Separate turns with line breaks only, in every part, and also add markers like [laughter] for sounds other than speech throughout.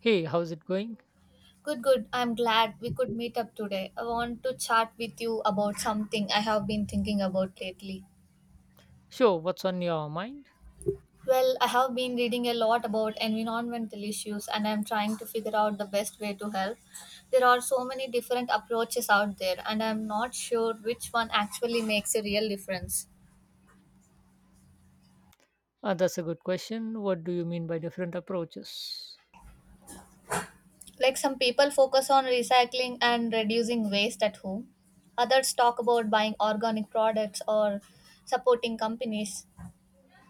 Hey, how's it going?
Good, good. I'm glad we could meet up today. I want to chat with you about something I have been thinking about lately.
Sure, what's on your mind?
Well, I have been reading a lot about environmental issues and I'm trying to figure out the best way to help. There are so many different approaches out there, and I'm not sure which one actually makes a real difference.
That's a good question. What do you mean by different approaches?
Like, some people focus on recycling and reducing waste at home, others talk about buying organic products or supporting companies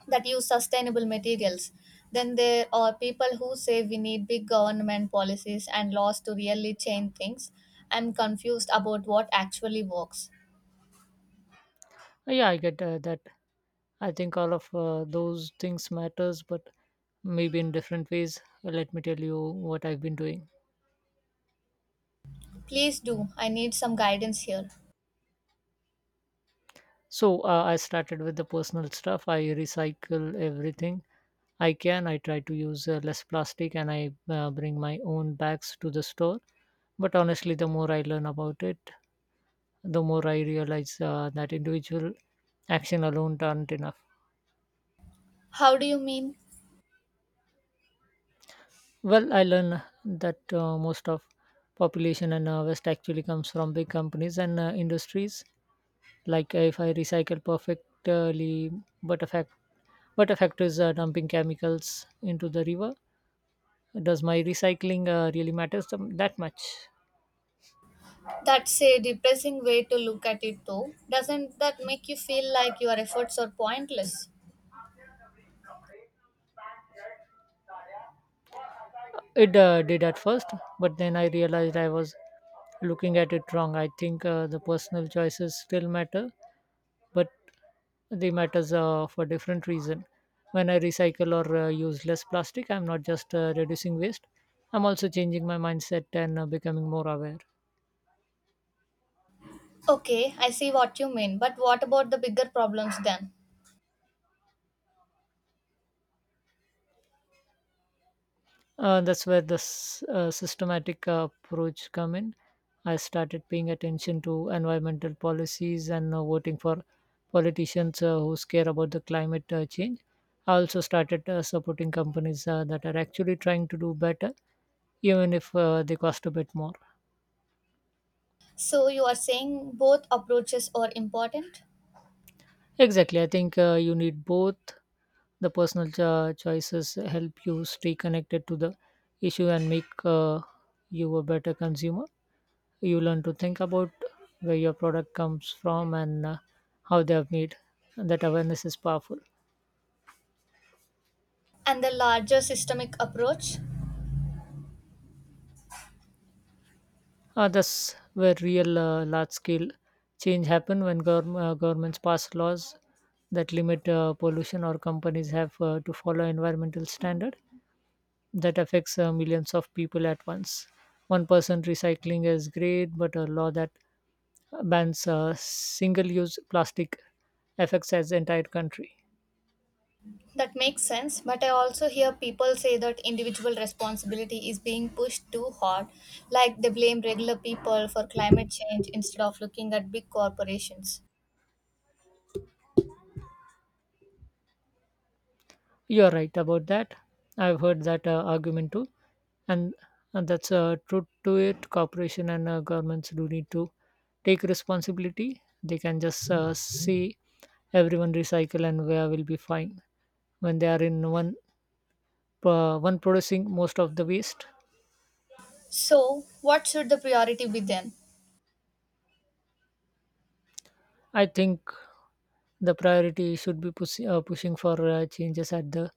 that use sustainable materials. Then there are people who say we need big government policies and laws to really change things. I'm confused about what actually works.
Yeah, I get that. I think all of those things matters, but maybe in different ways. Let me tell you what I've been doing.
Please do, I need some guidance here.
So I started with the personal stuff. I recycle everything I can. I try to use less plastic and I bring my own bags to the store. But honestly, the more I learn about it, the more I realize that individual action alone aren't enough.
How do you mean?
Well, I learn that most of population in West actually comes from big companies and industries. Like if I recycle perfectly, but a fact, but a factor is dumping chemicals into the river. Does my recycling really matters them that much?
That's a depressing way to look at it. Though, doesn't that make you feel like your efforts are pointless?
It did at first, but then I realized I was looking at it wrong. I think the personal choices still matter, but they matters for different reason. When I recycle or use less plastic, I'm not just reducing waste. I'm also changing my mindset and becoming more aware.
Okay, I see what you mean, but what about the bigger problems then?
That's where the systematic approach come in. I started paying attention to environmental policies and voting for politicians who care about the climate change. I also started supporting companies that are actually trying to do better, even if they cost a bit more.
So you are saying both approaches are important.
Exactly, I think you need both. The personal choices help you stay connected to the issue and make you a better consumer. You learn to think about where your product comes from and how they are made. That awareness is powerful.
And the larger systemic approach?
That's where real large scale change happen when governments pass laws that limit pollution or companies have to follow environmental standard that affects millions of people at once. One person recycling is great, but a law that bans single-use plastic affects as entire country.
That makes sense, but I also hear people say that individual responsibility is being pushed too hard, like they blame regular people for climate change instead of looking at big corporations.
You're right about that. I've heard that argument too, and, and that's truth to it. Corporation and governments do need to take responsibility. They can just see everyone recycle and where will be fine when they are in one producing most of the waste.
So, what should the priority be then?
I think the priority should be pushing for changes at the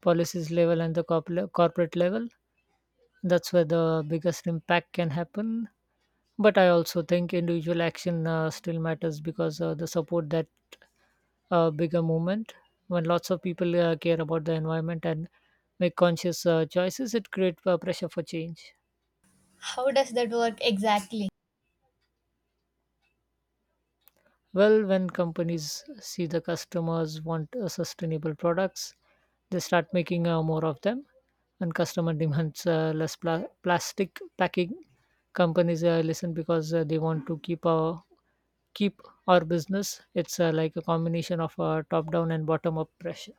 policies level and the corporate level. That's where the biggest impact can happen. But I also think individual action still matters because the support that bigger movement. When lots of people care about the environment and make conscious choices, it creates pressure for change.
How does that work exactly?
Well, when companies see the customers want sustainable products, they start making more of them, and customer [laughs] demands less plastic packing. Companies listen because they want to keep our business. It's like a combination of top down and bottom up pressure.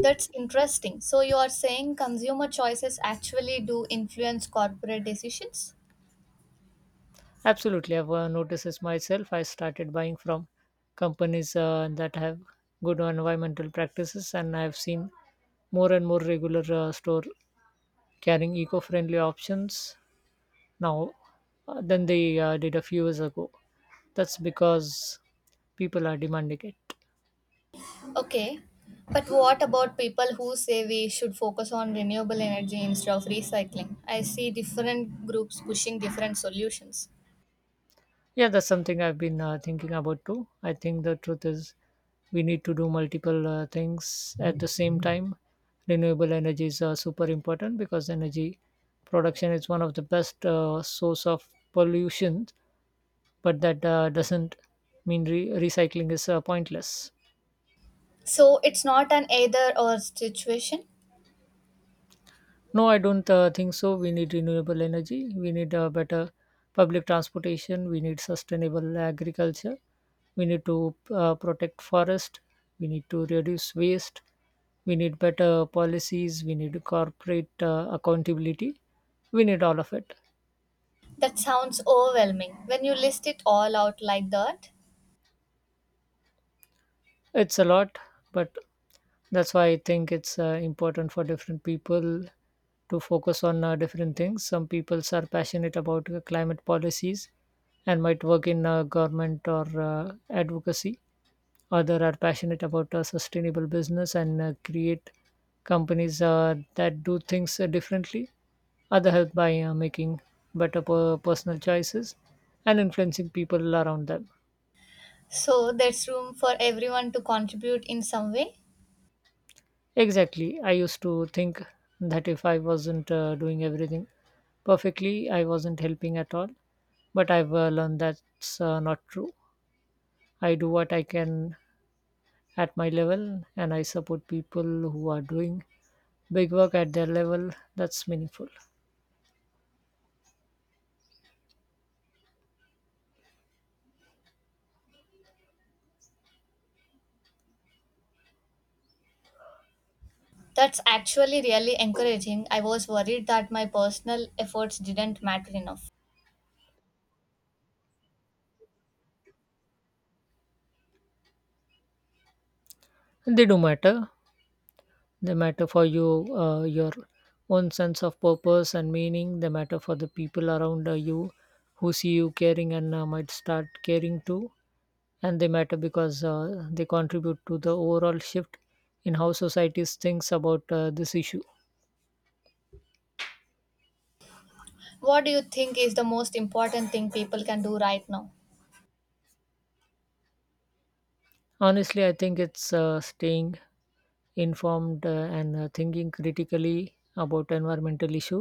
That's interesting. So, you are saying consumer choices actually do influence corporate decisions?
Absolutely, I've noticed this myself. I started buying from companies that have good environmental practices, and I've seen more and more regular store carrying eco-friendly options now than they did a few years ago. That's because people are demanding it.
Okay, but what about people who say we should focus on renewable energy instead of recycling? I see different groups pushing different solutions.
Yeah, that's something I've been thinking about too. I think the truth is we need to do multiple things at the same time. Renewable energies are super important because energy production is one of the best source of pollution, but that doesn't mean recycling is pointless.
So it's not an either or situation.
No, I don't think so. We need renewable energy. We need better public transportation. We need sustainable agriculture. We need to protect forest. We need to reduce waste. We need better policies. We need corporate accountability. We need all of it.
That sounds overwhelming when you list it all out like that.
It's a lot, but that's why I think it's important for different people to focus on different things. Some people are passionate about climate policies and might work in government or advocacy. Others are passionate about sustainable business and create companies that do things differently. Other help by making better personal choices and influencing people around them.
So there's room for everyone to contribute in some way.
Exactly. I used to think that if I wasn't doing everything perfectly, I wasn't helping at all. But I've learned that's not true. I do what I can at my level and I support people who are doing big work at their level. That's meaningful.
That's actually really encouraging. I was worried that my personal efforts didn't matter enough.
They do matter. They matter for you, your own sense of purpose and meaning. They matter for the people around you who see you caring and might start caring too, and they matter because they contribute to the overall shift in how societies thinks about this issue.
What do you think is the most important thing people can do right now?
Honestly, I think it's staying informed and thinking critically about environmental issue.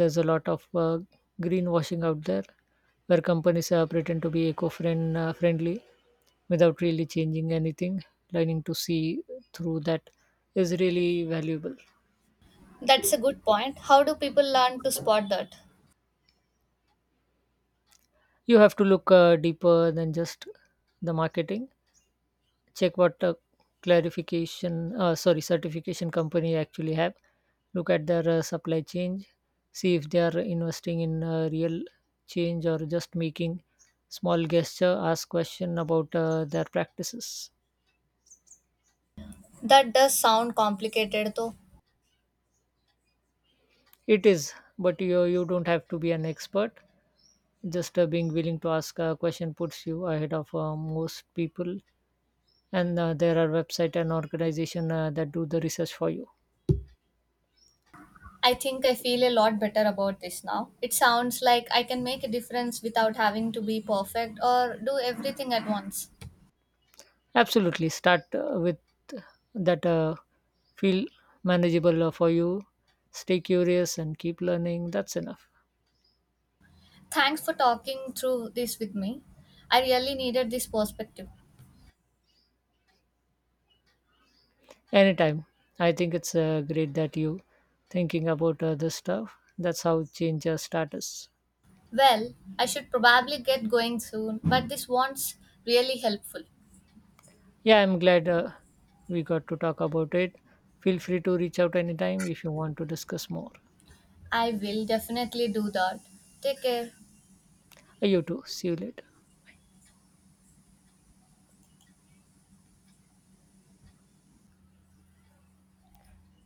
There's a lot of greenwashing out there where companies pretend to be eco-friendly friendly without really changing anything. Learning to see through that is really valuable.
That's a good point. How do people learn to spot that?
You have to look deeper than just the marketing. Check what clarification sorry certification company actually have. Look at their supply chain. See if they are investing in real change or just making small gesture. Ask question about their practices.
That does sound complicated though.
It is, but you don't have to be an expert. Just being willing to ask a question puts you ahead of most people. And there are website and organization that do the research for you.
I think I feel a lot better about this now. It sounds like I can make a difference without having to be perfect or do everything at once.
Absolutely. Start with that feel manageable for you. Stay curious and keep learning. That's enough.
Thanks for talking through this with me. I really needed this perspective.
Anytime. I think it's great that you thinking about this stuff. That's how change starts.
Well, I should probably get going soon, but this one's really helpful.
Yeah, I'm glad we got to talk about it. Feel free to reach out anytime if you want to discuss more.
I will definitely do that. Take care.
You too. See you later.